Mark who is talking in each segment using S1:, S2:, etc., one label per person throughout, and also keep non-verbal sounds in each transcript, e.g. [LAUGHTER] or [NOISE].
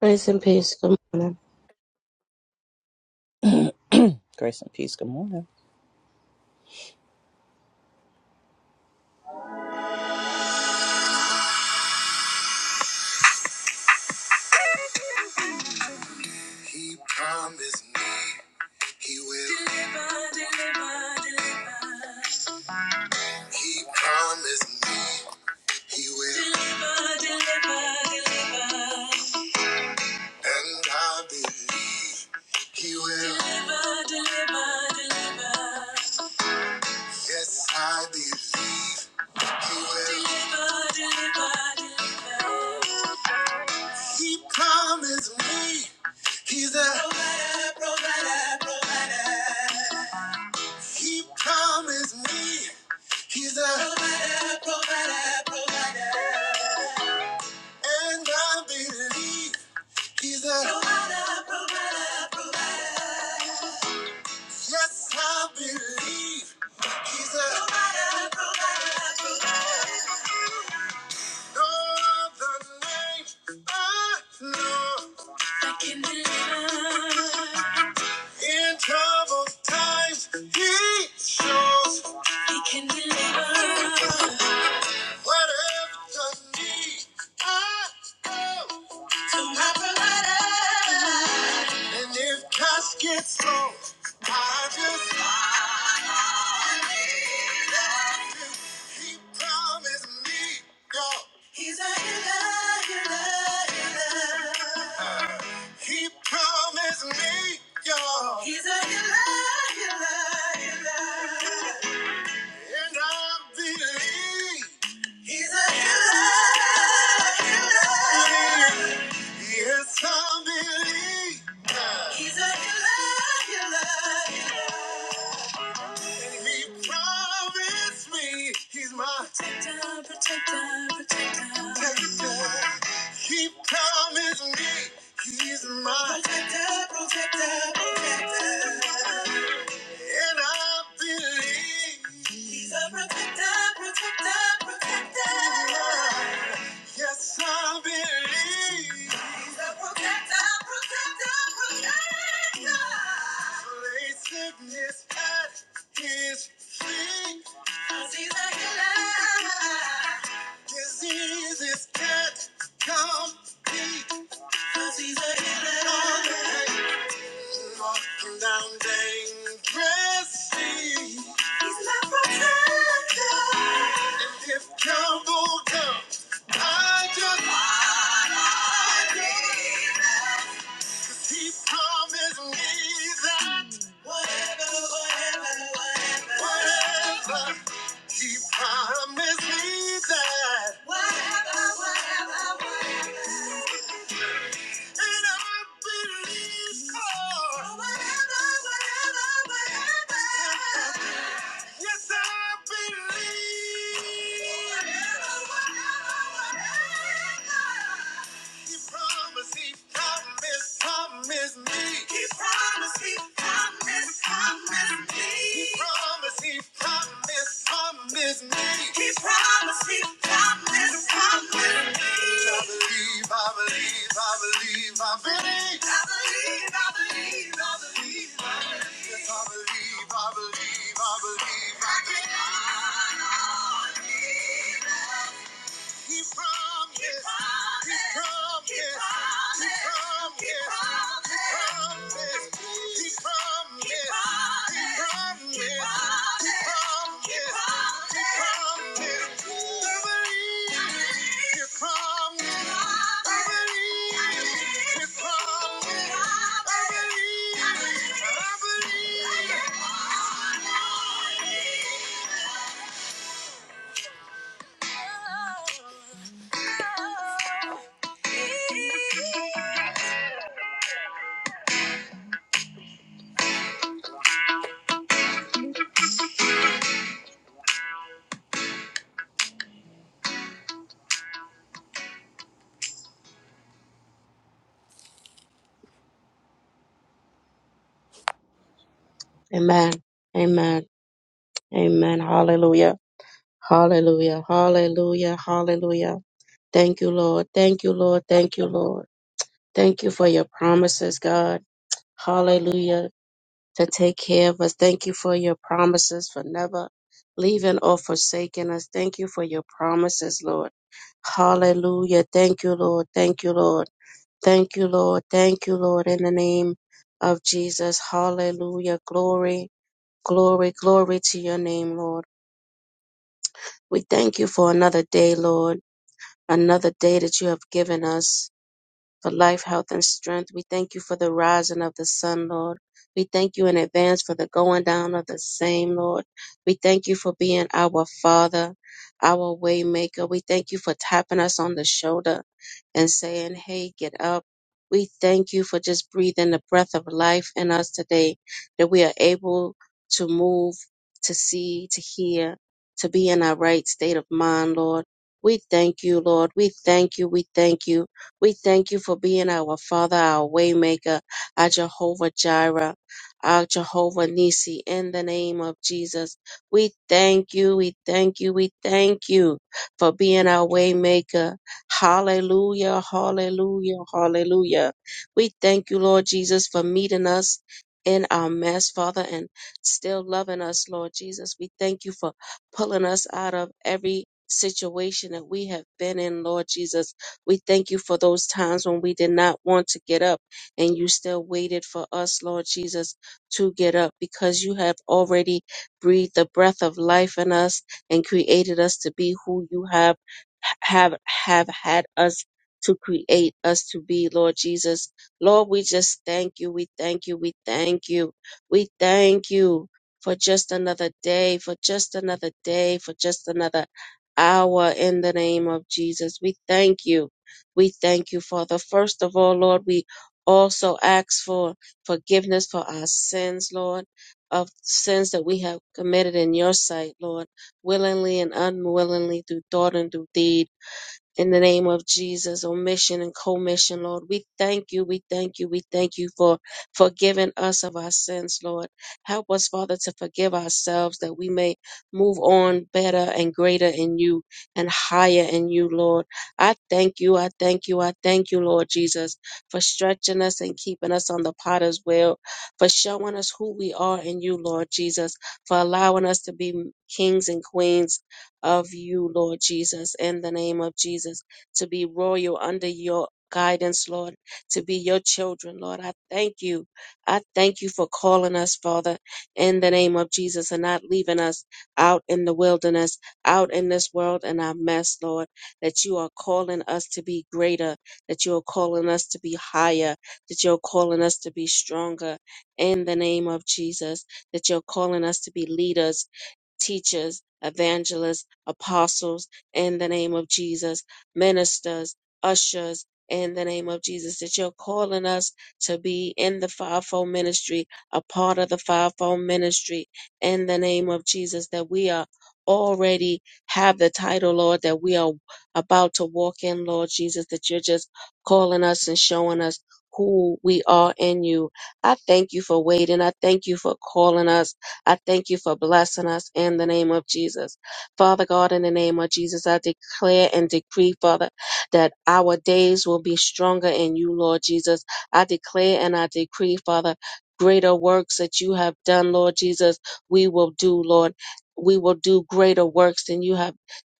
S1: Grace and peace. Good morning.
S2: Grace and peace. Good morning. He promised me he will deliver, deliver, deliver. He promised me he will deliver, deliver, deliver. And I believe he will deliver, deliver, deliver. Yes, I believe he will deliver, deliver, deliver. He promised me he's a provider, provider, provider. He promised me he's a and I believe he's a yes, I believe he's a no other name I know. I can deliver. In troubled times, he shows he can deliver. Whatever you need, I go to my provider. And if cash gets low, I just He promised me, God. He's a healer, healer, healer. He promised me, y'all. He's a healer, healer, healer. And I believe he's a healer, healer. Yes, I believe he's a healer, healer, healer. And he promised me he's my protector, protector, protector. protector. He promised me he's my protector, protector, protector. And I believe He's a protector, protector, protector. Yes, I believe He's a protector, protector, protector. Lay sickness at His feet. 'Cause He's a healer. Diseases can't compete. 'Cause He's a healer. Walking down dangerous He's my protector. And if trouble comes, I just I need us. Cause he promised me that whatever, whatever, whatever, whatever. He promised me that whatever, whatever, whatever. And I believe, God. For whatever, whatever, whatever. Yes, I believe. For whatever, whatever, whatever. He promised, he promised, promised me. He promised, he promised, promised me. He promised, he promised, promised me. He promised, he promised, promised me. I believe, I believe, I believe, I believe. I believe, I believe, I believe, I believe. Yes, I believe, I believe, I believe, I believe. I can only believe. He promised. He promised. He promised. He promised. He promised. He promised. He promised. He promised. He promised. We believe. He promised. We believe. He promised. I believe. I believe. I believe.
S1: Amen. Amen. Amen. Hallelujah. Hallelujah. Hallelujah. Hallelujah. Thank you, Lord. Thank you, Lord. Thank you, Lord. Thank you for your promises, God. Hallelujah. To take care of us. Thank you for your promises for never leaving or forsaking us. Thank you for your promises, Lord. Hallelujah. Thank you, Lord. Thank you, Lord. Thank you, Lord. Thank you, Lord. In the name of Jesus. Hallelujah. Glory. Glory, glory to your name, Lord. We thank you for another day, Lord, another day that you have given us for life, health, and strength. We thank you for the rising of the sun, Lord. We thank you in advance for the going down of the same, Lord. We thank you for being our Father, our Waymaker. We thank you for tapping us on the shoulder and saying, Hey, get up. We thank you for just breathing the breath of life in us today, that we are able to move, to see, to hear, to be in our right state of mind, Lord. We thank you, Lord. We thank you. We thank you we thank you for being our Father, our Waymaker, our Jehovah Jireh, our Jehovah Nisi. In the name of Jesus, we thank you, we thank you, we thank you for being our Waymaker. Hallelujah, hallelujah, hallelujah. We thank you, Lord Jesus, for meeting us. In our mess, Father, and still loving us, Lord Jesus. We thank you for pulling us out of every situation that we have been in, Lord Jesus we thank you for those times when we did not want to get up and you still waited for us, Lord Jesus, to get up because you have already breathed the breath of life in us and created us to be who you have have have had us to create us to be, Lord Jesus. Lord, we just thank you. We thank you. We thank you. We thank you for just another day, for just another day, for just another hour in the name of Jesus. We thank you. We thank you, Father. First of all, Lord, we also ask for forgiveness for our sins, Lord, of sins that we have committed in your sight, Lord, willingly and unwillingly, through thought and through deed in the name of Jesus, omission and commission, Lord. We thank you, we thank you, we thank you for forgiving us of our sins, Lord. Help us, Father, to forgive ourselves that we may move on better and greater in you and higher in you, Lord. I thank you, I thank you, I thank you, Lord Jesus, for stretching us and keeping us on the potter's wheel, for showing us who we are in you, Lord Jesus, for allowing us to be kings and queens of you, Lord Jesus, in the name of Jesus, to be royal under your guidance, Lord, to be your children, Lord. I thank you. I thank you for calling us, Father, in the name of Jesus, and not leaving us out in the wilderness, out in this world and our mess, Lord, that you are calling us to be greater, that you are calling us to be higher, that you're calling us to be stronger in the name of Jesus, that you're calling us to be leaders teachers, evangelists, apostles in the name of Jesus, ministers, ushers in the name of Jesus, that you're calling us to be in the fivefold ministry, a part of the fivefold ministry in the name of Jesus, that we are already have the title, Lord, that we are about to walk in, Lord Jesus, that you're just calling us and showing us who we are in you. I thank you for waiting. I thank you for calling us. I thank you for blessing us in the name of Jesus. Father God, in the name of Jesus, I declare and decree, Father, that our days will be stronger in you, Lord Jesus. I declare and I decree, Father, greater works that you have done, Lord Jesus, we will do, Lord. We will do greater works than you have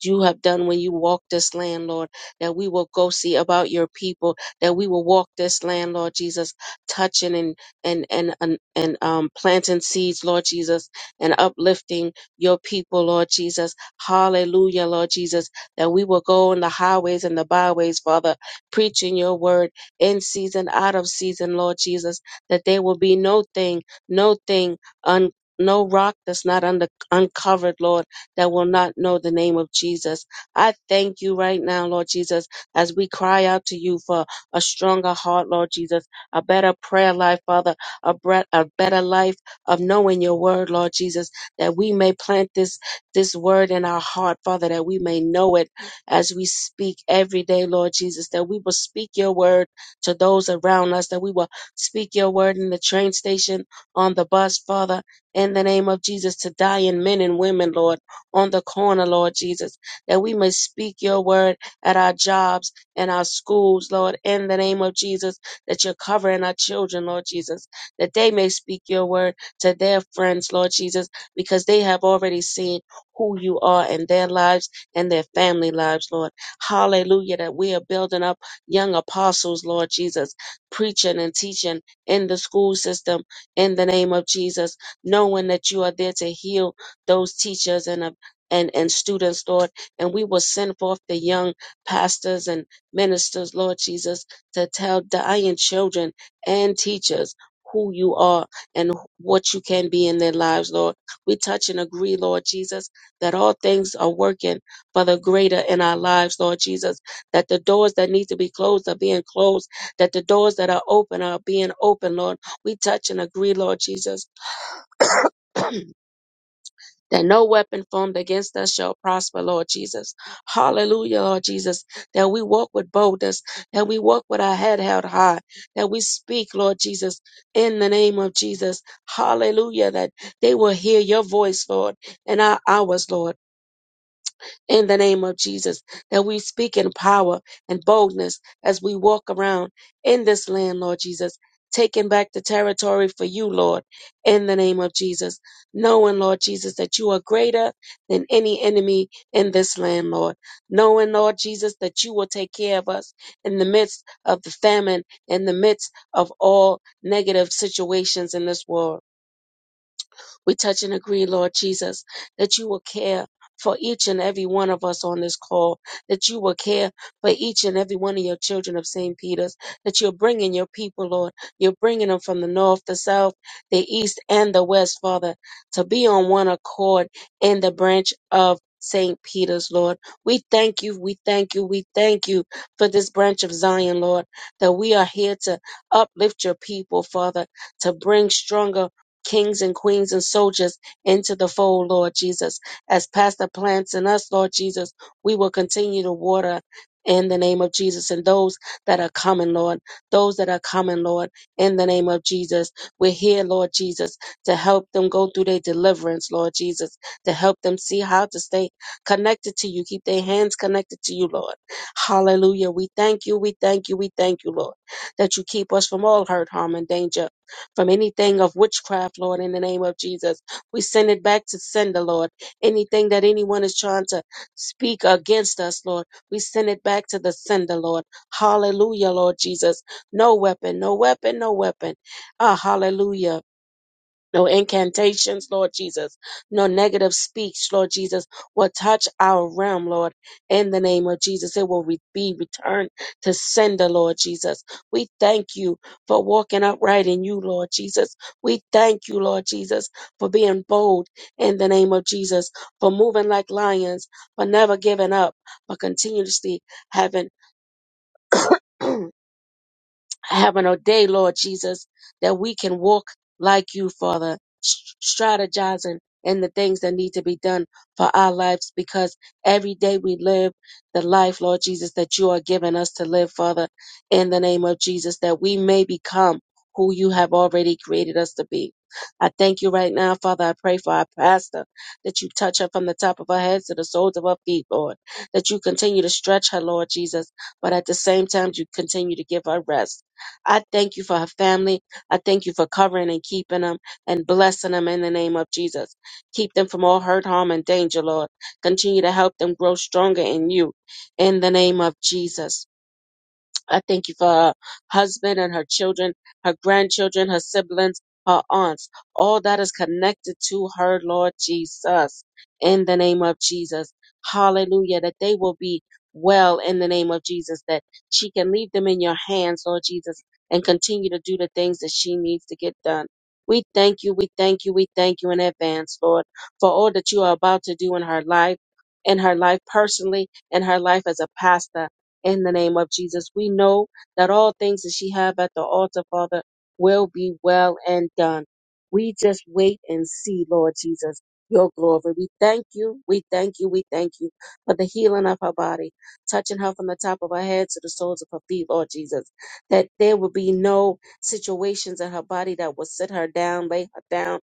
S1: you have done when you walked this land, Lord, that we will go see about your people, that we will walk this land, Lord Jesus, touching and and and and, and um, planting seeds, Lord Jesus, and uplifting your people, Lord Jesus. Hallelujah, Lord Jesus, that we will go in the highways and the byways, Father, preaching your word in season, out of season, Lord Jesus, that there will be no thing, no thing un no rock that's not under, uncovered, Lord, that will not know the name of Jesus. I thank you right now, Lord Jesus, as we cry out to you for a stronger heart, Lord Jesus, a better prayer life, Father a, bre- a better life of knowing your word, Lord Jesus, that we may plant this, this word in our heart, Father, that we may know it as we speak every day, Lord Jesus, that we will speak your word to those around us, that we will speak your word in the train station, on the bus, Father, in the name of Jesus, to dying men and women, Lord, on the corner, Lord Jesus, that we may speak your word at our jobs and our schools, Lord, in the name of Jesus, that you're covering our children, Lord Jesus that they may speak your word to their friends, Lord Jesus, because they have already seen who you are in their lives and their family lives, Lord. Hallelujah, that we are building up young apostles, Lord Jesus, preaching and teaching in the school system in the name of Jesus, knowing that you are there to heal those teachers and uh, and, and students, Lord, and we will send forth the young pastors and ministers, Lord Jesus, to tell dying children and teachers who you are and what you can be in their lives, Lord. We touch and agree, Lord Jesus, that all things are working for the greater in our lives, Lord Jesus, that the doors that need to be closed are being closed, that the doors that are open are being open, Lord. We touch and agree, Lord Jesus. [CLEARS THROAT] [COUGHS] that no weapon formed against us shall prosper, Lord Jesus. Hallelujah, Lord Jesus, that we walk with boldness, that we walk with our head held high, that we speak, Lord Jesus, in the name of Jesus. Hallelujah, that they will hear your voice, Lord, in our hours, Lord in the name of Jesus, that we speak in power and boldness as we walk around in this land, Lord Jesus, taking back the territory for you, Lord, in the name of Jesus, knowing, Lord Jesus, that you are greater than any enemy in this land, Lord, knowing, Lord Jesus, that you will take care of us in the midst of the famine, in the midst of all negative situations in this world. We touch and agree, Lord Jesus, that you will care for each and every one of us on this call, that you will care for each and every one of your children of St. Peter's, that you're bringing your people, Lord. You're bringing them from the north, the south, the east, and the west, Father, to be on one accord in the branch of St. Peter's, Lord. We thank you, we thank you, we thank you for this branch of Zion, Lord, that we are here to uplift your people, Father, to bring stronger kings and queens and soldiers into the fold, Lord Jesus. As Pastor plants in us, Lord Jesus, we will continue to water in the name of Jesus. And those that are coming, Lord, those that are coming, Lord, in the name of Jesus, we're here, Lord Jesus, to help them go through their deliverance, Lord Jesus, to help them see how to stay connected to you. Keep their hands connected to you, Lord. Hallelujah. We thank you. We thank you. We thank you, Lord, that you keep us from all hurt, harm, and danger from anything of witchcraft, Lord, in the name of Jesus. We send it back to sender, Lord. Anything that anyone is trying to speak against us, Lord, we send it back to the sender, Lord. Hallelujah, Lord Jesus. No weapon, no weapon, no weapon. Ah, hallelujah no incantations, Lord Jesus, no negative speech, Lord Jesus, will touch our realm, Lord, in the name of Jesus. It will re- be returned to sender, Lord Jesus. We thank you for walking upright in you, Lord Jesus. We thank you, Lord Jesus, for being bold in the name of Jesus, for moving like lions, for never giving up, for continuously having [CLEARS THROAT] have an day, Lord Jesus, that we can walk like you, Father, s- strategizing in the things that need to be done for our lives because every day we live the life, Lord Jesus, that you are giving us to live, Father, in the name of Jesus, that we may become who you have already created us to be. I thank you right now, Father. I pray for our pastor that you touch her from the top of her head to the soles of her feet, Lord. That you continue to stretch her, Lord Jesus, but at the same time, you continue to give her rest I thank you for her family. I thank you for covering and keeping them and blessing them in the name of Jesus. Keep them from all hurt, harm, and danger, Lord. Continue to help them grow stronger in you in the name of Jesus. I thank you for her husband and her children, her grandchildren, her siblings, her aunts, all that is connected to her, Lord Jesus, in the name of Jesus. Hallelujah. That they will be well in the name of Jesus, that she can leave them in your hands, Lord Jesus, and continue to do the things that she needs to get done. We thank you, we thank you, we thank you in advance, Lord, for all that you are about to do in her life, in her life personally, in her life as a pastor in the name of Jesus. We know that all things that she have at the altar, Father, will be well and done. We just wait and see, Lord Jesus, your glory. We thank you, we thank you, we thank you for the healing of her body, touching her from the top of her head to the soles of her feet, Lord Jesus. That there will be no situations in her body that will sit her down, lay her down,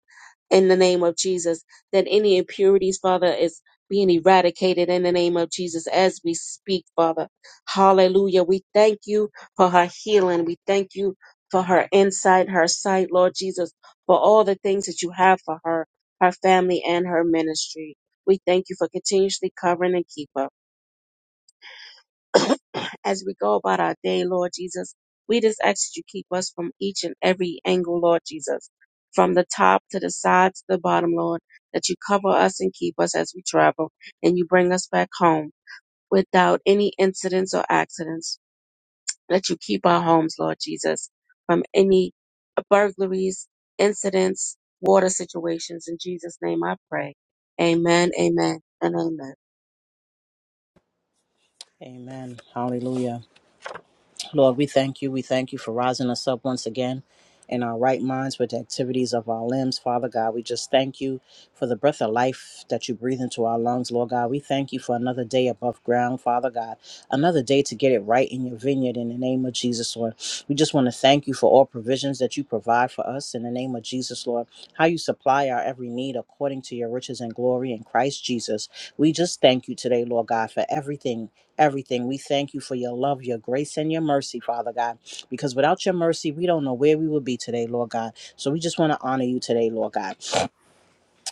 S1: in the name of Jesus. That any impurities, Father, is being eradicated in the name of Jesus as we speak, Father. Hallelujah. We thank you for her healing. We thank you for her insight, her sight, Lord Jesus, for all the things that you have for her, her family, and her ministry. We thank you for continuously covering and keeping her as we go about our day, Lord Jesus. We just ask that you keep us from each and every angle, Lord Jesus, from the top to the side to the bottom, Lord, that you cover us and keep us as we travel and you bring us back home without any incidents or accidents. That you keep our homes, Lord Jesus, from any burglaries, incidents, water situations. In Jesus' name I pray. Amen, amen, and amen.
S2: Amen. Hallelujah. Lord, we thank you. We thank you for rising us up once again in our right minds with the activities of our limbs. Father God, we just thank you for the breath of life that you breathe into our lungs, Lord God. We thank you for another day above ground, Father God, another day to get it right in your vineyard in the name of Jesus, Lord. We just want to thank you for all provisions that you provide for us in the name of Jesus, Lord. How you supply our every need according to your riches and glory in Christ Jesus. We just thank you today, Lord God, for everything everything. We thank you for your love, your grace, and your mercy, Father God, because without your mercy, we don't know where we would be today, Lord God. So we just want to honor you today, Lord God.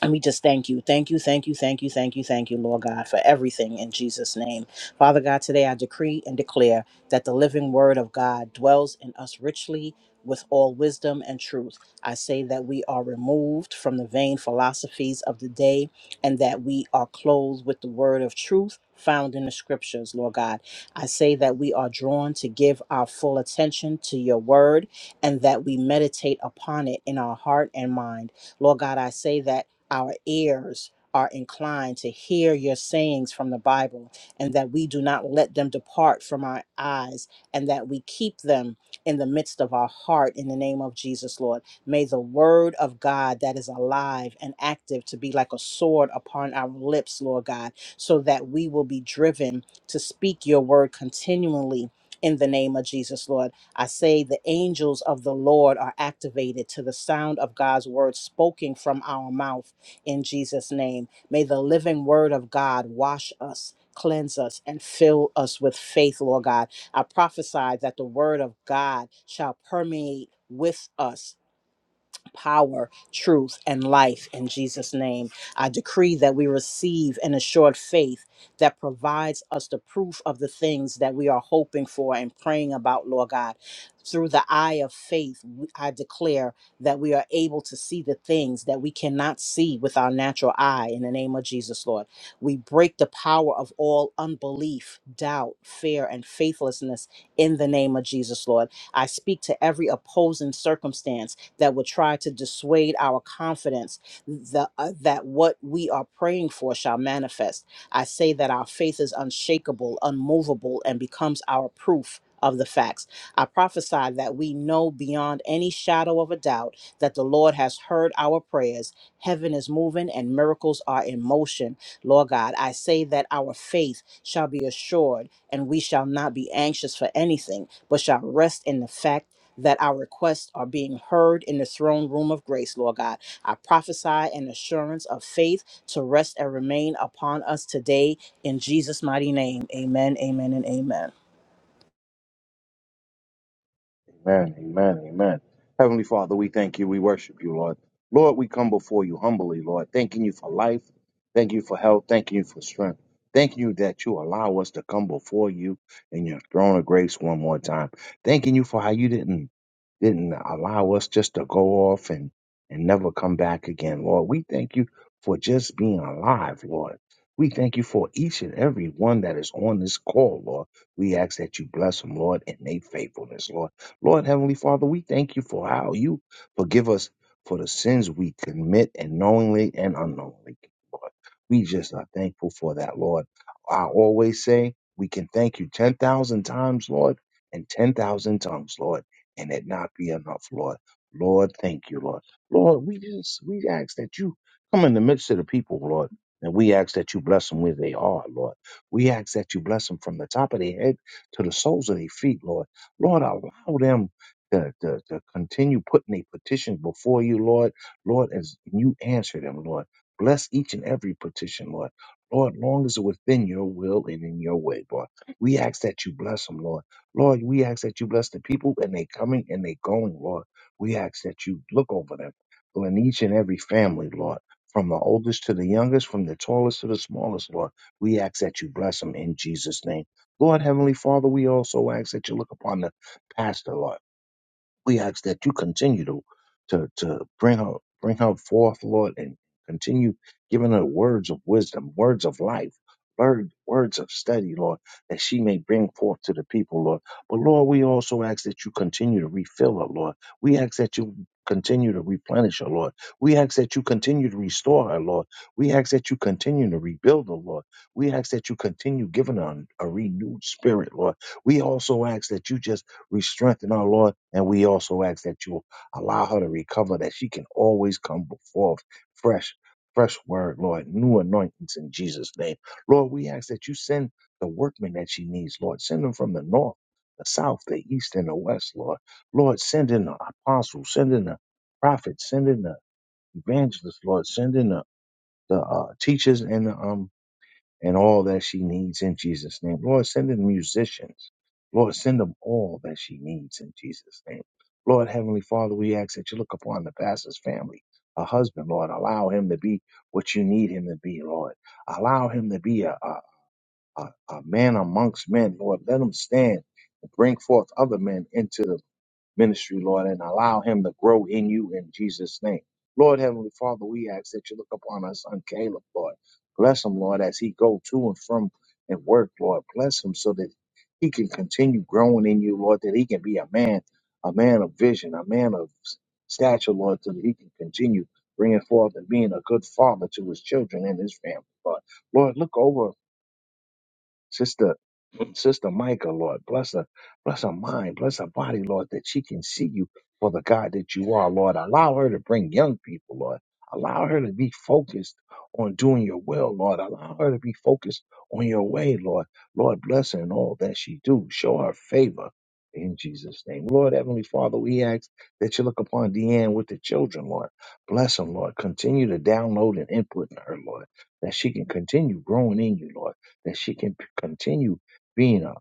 S2: And we just thank you. Thank you, thank you, thank you, thank you, thank you, Lord God, for everything in Jesus' name. Father God, today I decree and declare that the living word of God dwells in us richly with all wisdom and truth. I say that we are removed from the vain philosophies of the day and that we are clothed with the word of truth. Found in the scriptures, Lord God. I say that we are drawn to give our full attention to your word and that we meditate upon it in our heart and mind. Lord God, I say that our ears are inclined to hear your sayings from the Bible, and that we do not let them depart from our eyes, and that we keep them in the midst of our heart in the name of Jesus, Lord. May the word of God that is alive and active to be like a sword upon our lips, Lord God, so that we will be driven to speak your word continually. In the name of Jesus, Lord, I say the angels of the Lord are activated to the sound of God's word spoken from our mouth in Jesus' name. May the living word of God wash us, cleanse us, and fill us with faith, Lord God. I prophesy that the word of God shall permeate with us power, truth, and life in Jesus' name. I decree that we receive an assured faith that provides us the proof of the things that we are hoping for and praying about, Lord God. Through the eye of faith, we- I declare that we are able to see the things that we cannot see with our natural eye in the name of Jesus, Lord. We break the power of all unbelief, doubt, fear, and faithlessness in the name of Jesus, Lord. I speak to every opposing circumstance that would try to dissuade our confidence the, uh, that what we are praying for shall manifest. I say that our faith is unshakable, unmovable, and becomes our proof of the facts. I prophesy that we know beyond any shadow of a doubt that the Lord has heard our prayers. Heaven is moving and miracles are in motion. Lord God, I say that our faith shall be assured and we shall not be anxious for anything, but shall rest in the fact that our requests are being heard in the throne room of grace, Lord God. I prophesy an assurance of faith to rest and remain upon us today in Jesus' mighty name. Amen, amen, and amen.
S3: Amen. Amen. Amen. Heavenly Father, we thank you. We worship you, Lord. Lord, we come before you humbly, Lord, thanking you for life. Thank you for health. Thank you for strength. Thank you that you allow us to come before you in your throne of grace one more time. Thanking you for how you didn't didn't allow us just to go off and and never come back again, Lord. We thank you for just being alive, Lord. We thank you for each and every one that is on this call, Lord. We ask that you bless them, Lord, in their faithfulness, Lord. Lord Heavenly Father, we thank you for how you forgive us for the sins we commit and knowingly and unknowingly, Lord. We just are thankful for that, Lord. I always say we can thank you 10,000 times, Lord, and 10,000 tongues, Lord, and it not be enough, Lord. Lord, thank you, Lord. Lord, we just, we ask that you come in the midst of the people, Lord, and we ask that you bless them where they are, Lord. We ask that you bless them from the top of their head to the soles of their feet, Lord Lord, allow them to, to, to continue putting their petitions before you, Lord. Lord, as you answer them, Lord. Bless each and every petition, Lord. Lord, long as it's within your will and in your way, Lord. We ask that you bless them, Lord. Lord, we ask that you bless the people and they coming and they going, Lord. We ask that you look over them Lord, in each and every family, Lord. From the oldest to the youngest, from the tallest to the smallest, Lord. We ask that you bless them in Jesus' name. Lord Heavenly Father, we also ask that you look upon the pastor, Lord. We ask that you continue to to to bring her bring her forth, Lord, and continue giving her words of wisdom, words of life, word, words of study, Lord, that she may bring forth to the people, Lord. But Lord, we also ask that you continue to refill her, Lord. We ask that you continue to replenish her, Lord. We ask that you continue to restore her, Lord. We ask that you continue to rebuild her, Lord. We ask that you continue giving her a renewed spirit, Lord. We also ask that you just we strengthen our Lord, and we also ask that you allow her to recover, that she can always come before fresh, fresh word, Lord, new anointings in Jesus' name. Lord, we ask that you send the workmen that she needs, Lord. Send them from the north, the south, the east, and the west, Lord. Lord, send in the apostles, send in the prophets, send in the evangelists, Lord, send in the, the uh, teachers and the um, and all that she needs in Jesus' name. Lord, send in musicians. Lord, send them all that she needs in Jesus' name. Lord, Heavenly Father, we ask that you look upon the pastor's family, a husband, Lord. Allow him to be what you need him to be, Lord. Allow him to be a, a, a, a man amongst men, Lord. Let him stand and bring forth other men into the ministry, Lord, and allow him to grow in you in Jesus' name. Lord Heavenly Father, we ask that you look upon our son Caleb, Lord. Bless him, Lord, as he go to and from and work, Lord. Bless him so that he can continue growing in you, Lord, that he can be a man, a man of vision, a man of stature, Lord, so that he can continue bringing forth and being a good father to his children and his family, Lord. Lord, look over Sister Sister Micah, Lord, bless her, bless her mind, bless her body, Lord, that she can see you for the God that you are, Lord. Allow her to bring young people, Lord. Allow her to be focused on doing your will, Lord. Allow her to be focused on your way, Lord. Lord, bless her in all that she do. Show her favor in Jesus' name. Lord, Heavenly Father, we ask that you look upon Deanne with the children, Lord. Bless them, Lord. Continue to download and input in her, Lord, that she can continue growing in you, Lord, that she can p- continue being a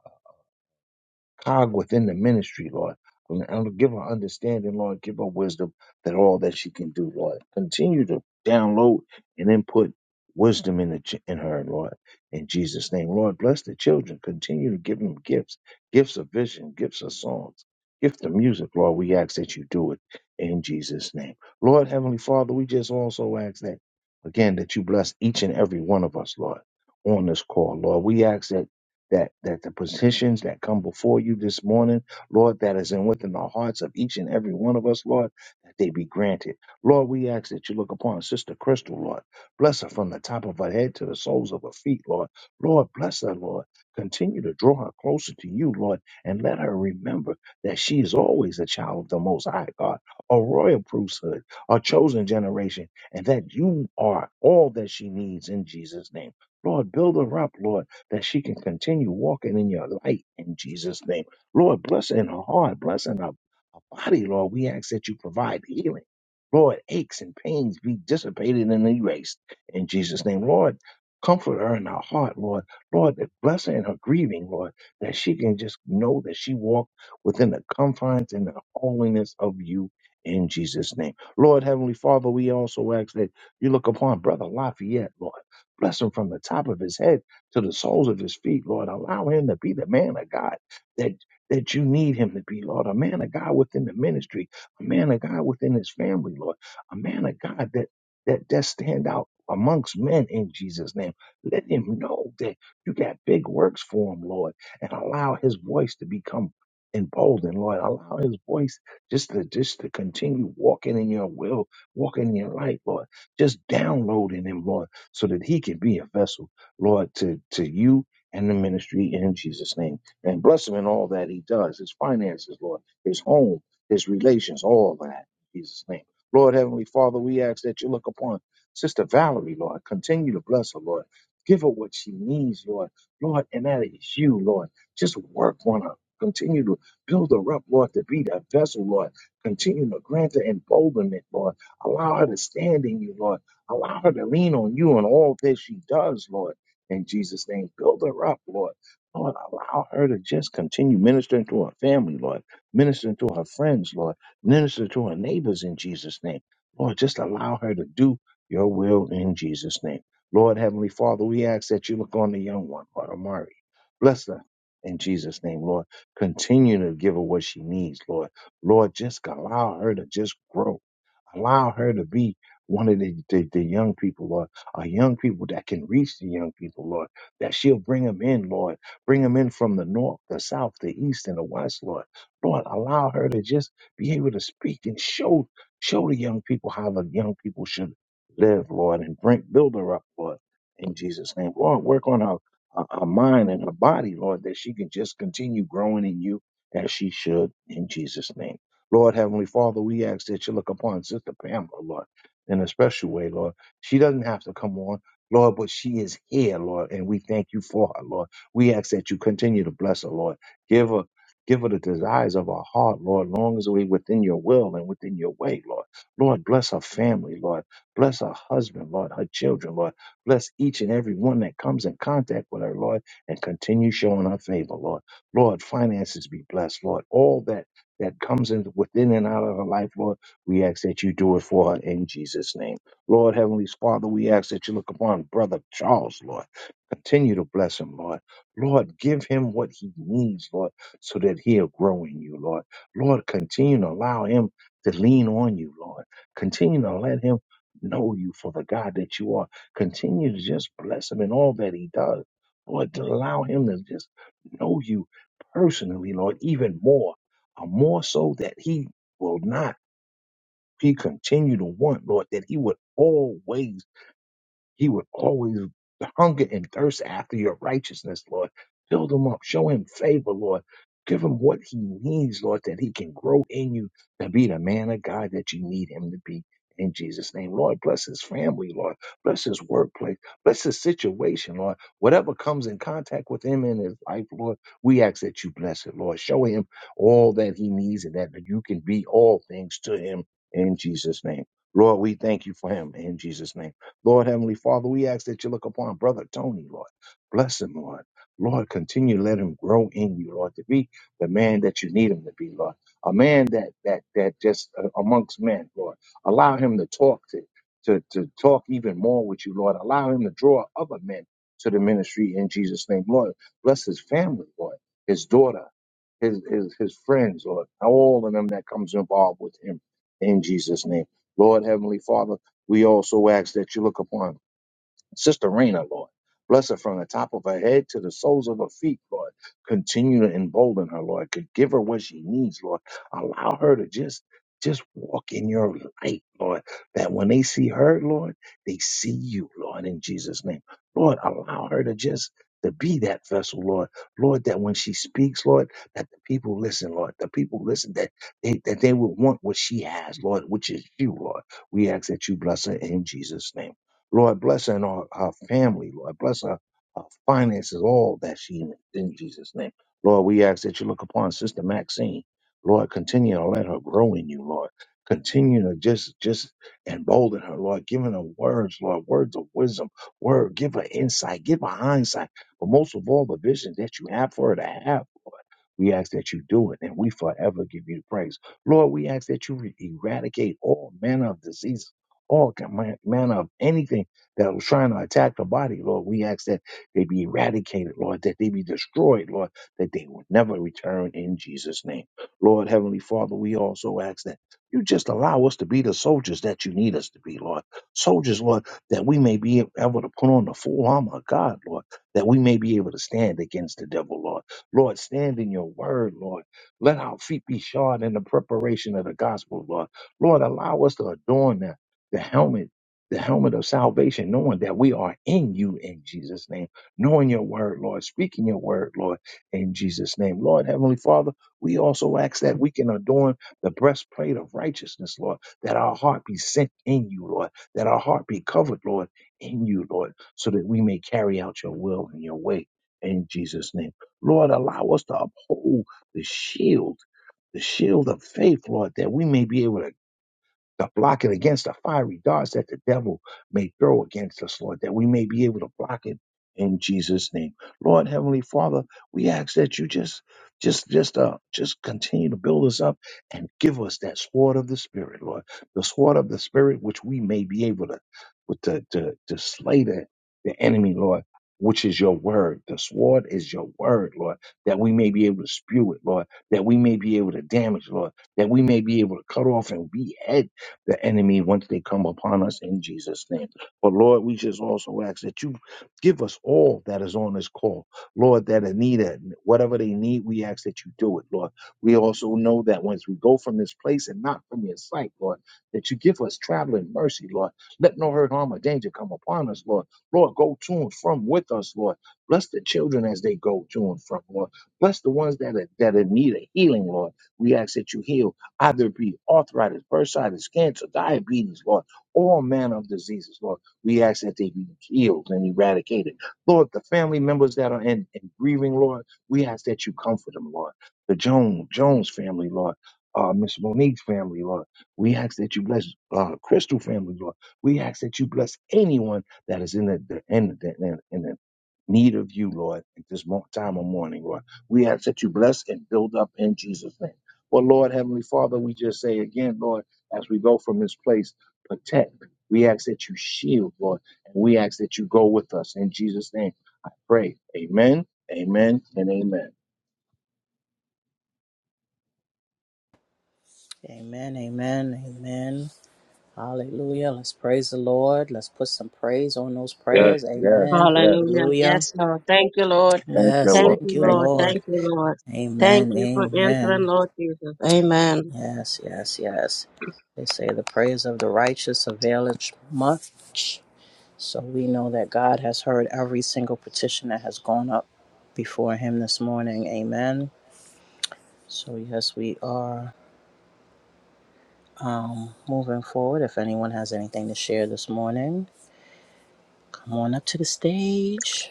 S3: cog within the ministry, Lord. And and give her understanding, Lord. Give her wisdom that all that she can do, Lord. Continue to download and input wisdom in, the, ch- in her, Lord. In Jesus' name, Lord, bless the children. Continue to give them gifts, gifts of vision, gifts of songs, gifts of music, Lord. We ask that you do it in Jesus' name. Lord, Heavenly Father, we just also ask that, again, that you bless each and every one of us, Lord, on this call, Lord. We ask that that that the petitions that come before you this morning, Lord, that is in within the hearts of each and every one of us, Lord, that they be granted. Lord, we ask that you look upon Sister Crystal, Lord. Bless her from the top of her head to the soles of her feet, Lord. Lord, bless her, Lord. Continue to draw her closer to you, Lord, and let her remember that she is always a child of the Most High God, a royal priesthood, a chosen generation, and that you are all that she needs in Jesus' name. Lord, build her up, Lord that she can continue walking in your light in Jesus' name. Lord, bless in her heart, bless in her body, Lord. We ask that you provide healing. Lord, aches and pains be dissipated and erased in Jesus' name. Lord, comfort her in her heart, Lord. Lord, bless her in her grieving, Lord, that she can just know that she walked within the confines and the holiness of you in Jesus' name. Lord, Heavenly Father, we also ask that you look upon Brother Lafayette, Lord. Bless him from the top of his head to the soles of his feet, Lord. Allow him to be the man of God that that you need him to be, Lord. A man of God within the ministry, a man of God within his family, Lord. A man of God that that that stand out amongst men in Jesus' name. Let him know that you got big works for him, Lord, and allow his voice to become emboldened, Lord. Allow his voice just to just to continue walking in your will, walking in your light, Lord. Just download in him, Lord, so that he can be a vessel, Lord, to to you and the ministry in Jesus' name and bless him in all that he does, his finances, Lord, his home, his relations, all that. In Jesus' name. Lord Heavenly Father, we ask that you look upon Sister Valerie, Lord. Continue to bless her, Lord. Give her what she needs, Lord. Lord, and that is you, Lord. Just work on her. Continue to build her up, Lord, to be that vessel, Lord. Continue to grant her emboldenment, Lord. Allow her to stand in you, Lord. Allow her to lean on you in all that she does, Lord. In Jesus' name, build her up, Lord. Lord, allow her to just continue ministering to her family, Lord, ministering to her friends, Lord, minister to her neighbors in Jesus' name. Lord, just allow her to do your will in Jesus' name. Lord, Heavenly Father, we ask that you look on the young one, Lord Amari. Bless her in Jesus' name, Lord. Continue to give her what she needs, Lord. Lord, just allow her to just grow. Allow her to be one of the, the, the young people, Lord, or young people that can reach the young people, Lord, that she'll bring them in, Lord. Bring them in from the north, the south, the east, and the west, Lord. Lord, allow her to just be able to speak and show show the young people how the young people should live, Lord, and bring build her up, Lord, in Jesus' name. Lord, work on her, her, her mind and her body, Lord, that she can just continue growing in you as she should in Jesus' name. Lord Heavenly Father, we ask that you look upon Sister Pamela, Lord, in a special way, Lord. She doesn't have to come on, Lord, but she is here, Lord, and we thank you for her, Lord. We ask that you continue to bless her, Lord. Give her Give her the desires of our heart, Lord, long as we within your will and within your way, Lord. Lord, bless her family, Lord. Bless her husband, Lord, her children, Lord. Bless each and every one that comes in contact with her, Lord, and continue showing her favor, Lord. Lord, finances be blessed, Lord. All that that comes in within and out of her life, Lord, we ask that you do it for her in Jesus' name. Lord, Heavenly Father, we ask that you look upon Brother Charles, Lord. Continue to bless him, Lord. Lord, give him what he needs, Lord, so that he'll grow in you, Lord. Lord, continue to allow him to lean on you, Lord. Continue to let him know you for the God that you are. Continue to just bless him in all that he does. Lord, to allow him to just know you personally, Lord, even more uh, more so that he will not, he continue to want, Lord, that he would always he would always hunger and thirst after your righteousness, Lord. Build him up. Show him favor, Lord. Give him what he needs, Lord, that he can grow in you to be the man of God that you need him to be. In Jesus' name, Lord, bless his family, Lord. Bless his workplace. Bless his situation, Lord. Whatever comes in contact with him in his life, Lord, we ask that you bless it, Lord. Show him all that he needs and that you can be all things to him in Jesus' name. Lord, we thank you for him in Jesus' name. Lord Heavenly Father, we ask that you look upon Brother Tony, Lord. Bless him, Lord. Lord, continue to let him grow in you, Lord, to be the man that you need him to be, Lord. A man that that that just uh, amongst men, Lord. Allow him to talk to, to to talk even more with you, Lord. Allow him to draw other men to the ministry in Jesus' name, Lord. Bless his family, Lord. His daughter, his his his friends, Lord. All of them that comes involved with him in Jesus' name. Lord Heavenly Father. We also ask that you look upon Sister Raina, Lord. Bless her from the top of her head to the soles of her feet, Lord. Continue to embolden her, Lord. Could give her what she needs, Lord. Allow her to just just walk in your light, Lord. That when they see her, Lord, they see you, Lord, in Jesus' name. Lord, allow her to just to be that vessel, Lord. Lord, that when she speaks, Lord, that the people listen, Lord. The people listen that they that they will want what she has, Lord, which is you, Lord. We ask that you bless her in Jesus' name. Lord, bless her and our, our family. Lord, bless her, our finances, all that she needs in Jesus' name. Lord, we ask that you look upon Sister Maxine. Lord, continue to let her grow in you, Lord. Continue to just just embolden her, Lord, giving her words, Lord, words of wisdom, word, give her insight, give her hindsight, but most of all the vision that you have for her to have, Lord. We ask that you do it, and we forever give you praise. Lord, we ask that you eradicate all manner of diseases all man manner of anything that was trying to attack the body, Lord. We ask that they be eradicated, Lord, that they be destroyed, Lord, that they will never return in Jesus' name. Lord, Heavenly Father, we also ask that you just allow us to be the soldiers that you need us to be, Lord. Soldiers, Lord, that we may be able to put on the full armor of God, Lord, that we may be able to stand against the devil, Lord. Lord, stand in your word, Lord. Let our feet be shod in the preparation of the gospel, Lord. Lord, allow us to adorn that the helmet, the helmet of salvation, knowing that we are in you in Jesus' name, knowing your word, Lord, speaking your word, Lord, in Jesus' name. Lord, Heavenly Father, we also ask that we can adorn the breastplate of righteousness, Lord, that our heart be sent in you, Lord, that our heart be covered, Lord, in you, Lord, so that we may carry out your will and your way in Jesus' name. Lord, allow us to uphold the shield, the shield of faith, Lord, that we may be able to to block it against the fiery darts that the devil may throw against us, Lord, that we may be able to block it in Jesus' name. Lord Heavenly Father, we ask that you just just just uh just continue to build us up and give us that sword of the spirit, Lord. The sword of the spirit which we may be able to with to to, to slay the, the enemy, Lord. Which is your word. The sword is your word, Lord, that we may be able to spew it, Lord, that we may be able to damage, Lord, that we may be able to cut off and behead the enemy once they come upon us in Jesus' name. But Lord, we just also ask that you give us all that is on this call, Lord, that are needed. Whatever they need, we ask that you do it, Lord. We also know that once we go from this place and not from your sight, Lord, that you give us traveling mercy, Lord. Let no hurt, harm, or danger come upon us, Lord. Lord, go to and from with us, Lord. Bless the children as they go to and from, Lord. Bless the ones that are, that are need a healing, Lord. We ask that you heal Either it be arthritis, bursitis, cancer, diabetes, Lord, all manner of diseases, Lord. We ask that they be healed and eradicated. Lord, the family members that are in, in grieving, Lord, we ask that you comfort them, Lord. The Jones, Jones family, Lord. Uh, Miss Monique's family, Lord. We ask that you bless uh, Crystal family, Lord. We ask that you bless anyone that is in the, the in the, in, in the need of you, Lord, at this mo- time of mourning, Lord. We ask that you bless and build up in Jesus' name. Well, Lord, Heavenly Father, we just say again, Lord, as we go from this place, protect. We ask that you shield, Lord, and we ask that you go with us. In Jesus' name, I pray. Amen, amen, and amen.
S2: Amen, amen, amen. Hallelujah. Let's praise the Lord. Let's put some praise on those
S3: Yes,
S2: prayers.
S3: yes,
S2: Amen.
S3: yes.
S1: Hallelujah.
S2: Hallelujah.
S1: Yes, Lord. Thank you, Lord.
S3: Thank you,
S2: Yes,
S1: Thank
S3: Lord.
S2: thank
S1: you,
S2: you,
S3: Thank
S1: Lord.
S3: you.
S2: Lord.
S1: Thank you, Lord. Thank
S2: Amen,
S1: you for answering,
S2: amen.
S1: Lord Jesus. Amen.
S2: Yes, yes, yes. They say the prayers of the righteous availeth much. So we know that God has heard every single petition that has gone up before Him this morning. Amen. So, yes, we are um, moving forward. If anyone has anything to share this morning, come on up to the stage.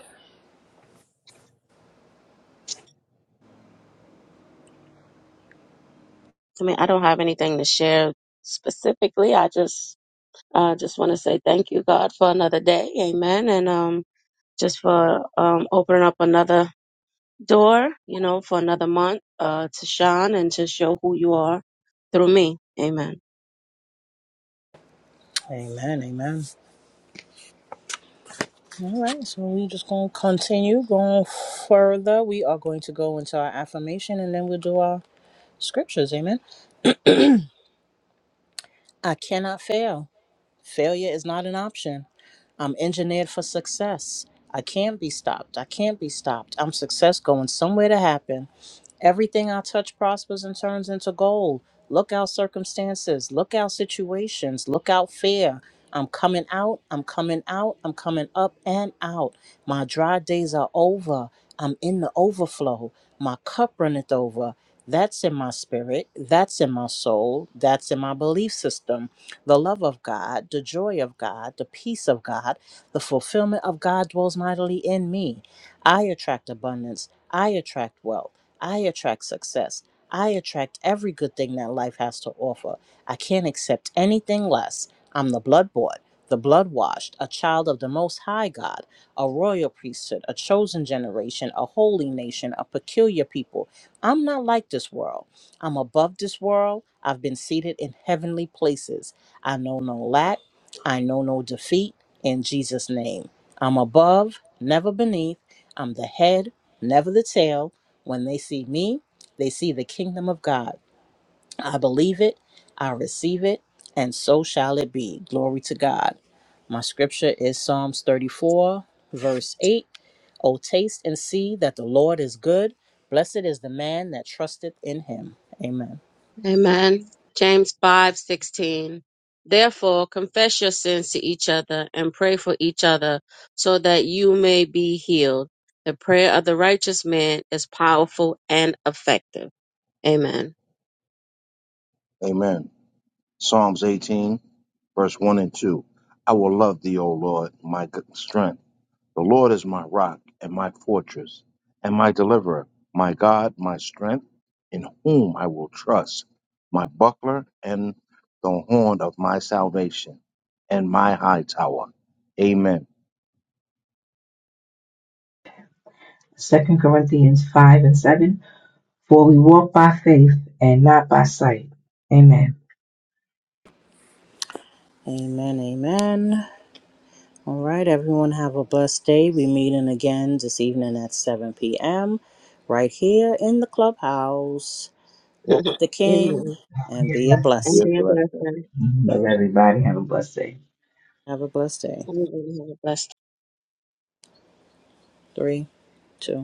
S1: I mean, I don't have anything to share specifically. I just, uh, just want to say thank you, God, for another day. Amen. And, um, just for um, opening up another door, you know, for another month uh, to shine and to show who you are through me. Amen.
S2: Amen. Amen. All right. So, we're just going to continue going further. We are going to go into our affirmation and then we'll do our scriptures. Amen. I cannot fail. Failure is not an option. I'm engineered for success. I can't be stopped. I can't be stopped. I'm success going somewhere to happen. Everything I touch prospers and turns into gold. Look out circumstances. Look out situations. Look out fear. I'm coming out. I'm coming out. I'm coming up and out. My dry days are over. I'm in the overflow. My cup runneth over. That's in my spirit. That's in my soul. That's in my belief system the love of God, the joy of God, the peace of God, the fulfillment of God dwells mightily in me. I attract abundance. I attract wealth. I attract success. I attract every good thing that life has to offer. I can't accept anything less. I'm the blood-bought, the blood washed, a child of the Most High God, a royal priesthood, a chosen generation, a holy nation, a peculiar people. I'm not like this world. I'm above this world. I've been seated in heavenly places. I know no lack. I know no defeat in Jesus' name. I'm above, never beneath. I'm the head, never the tail. When they see me, they see the kingdom of God. I believe it, I receive it, and so shall it be. Glory to God. My scripture is Psalms 34, verse 8. O taste and see that the Lord is good. Blessed is the man that trusteth in him. Amen.
S1: Amen. James five sixteen. Therefore, confess your sins to each other and pray for each other so that you may be healed. The prayer of the righteous man is powerful and effective. Amen.
S3: Amen. Psalms 18, verse 1 and 2. I will love thee, O Lord, my g- strength. The Lord is my rock and my fortress and my deliverer, my God, my strength, in whom I will trust, my buckler and the horn of my salvation, and my high tower. Amen.
S4: Second Corinthians five and seven. For we walk by faith and not by sight. Amen.
S2: Amen. Amen. All right, everyone, have a blessed day. We meeting again this evening at 7 p.m. right here in the clubhouse. Walk with
S1: [LAUGHS]
S2: the King
S1: Amen.
S2: and be a
S4: Amen.
S1: And
S2: blessing.
S3: Dear
S1: their
S3: blessed.
S1: blessing.
S4: Love everybody. Have a blessed day.
S2: Have a blessed day.
S1: Everybody have a blessed
S2: Three, two.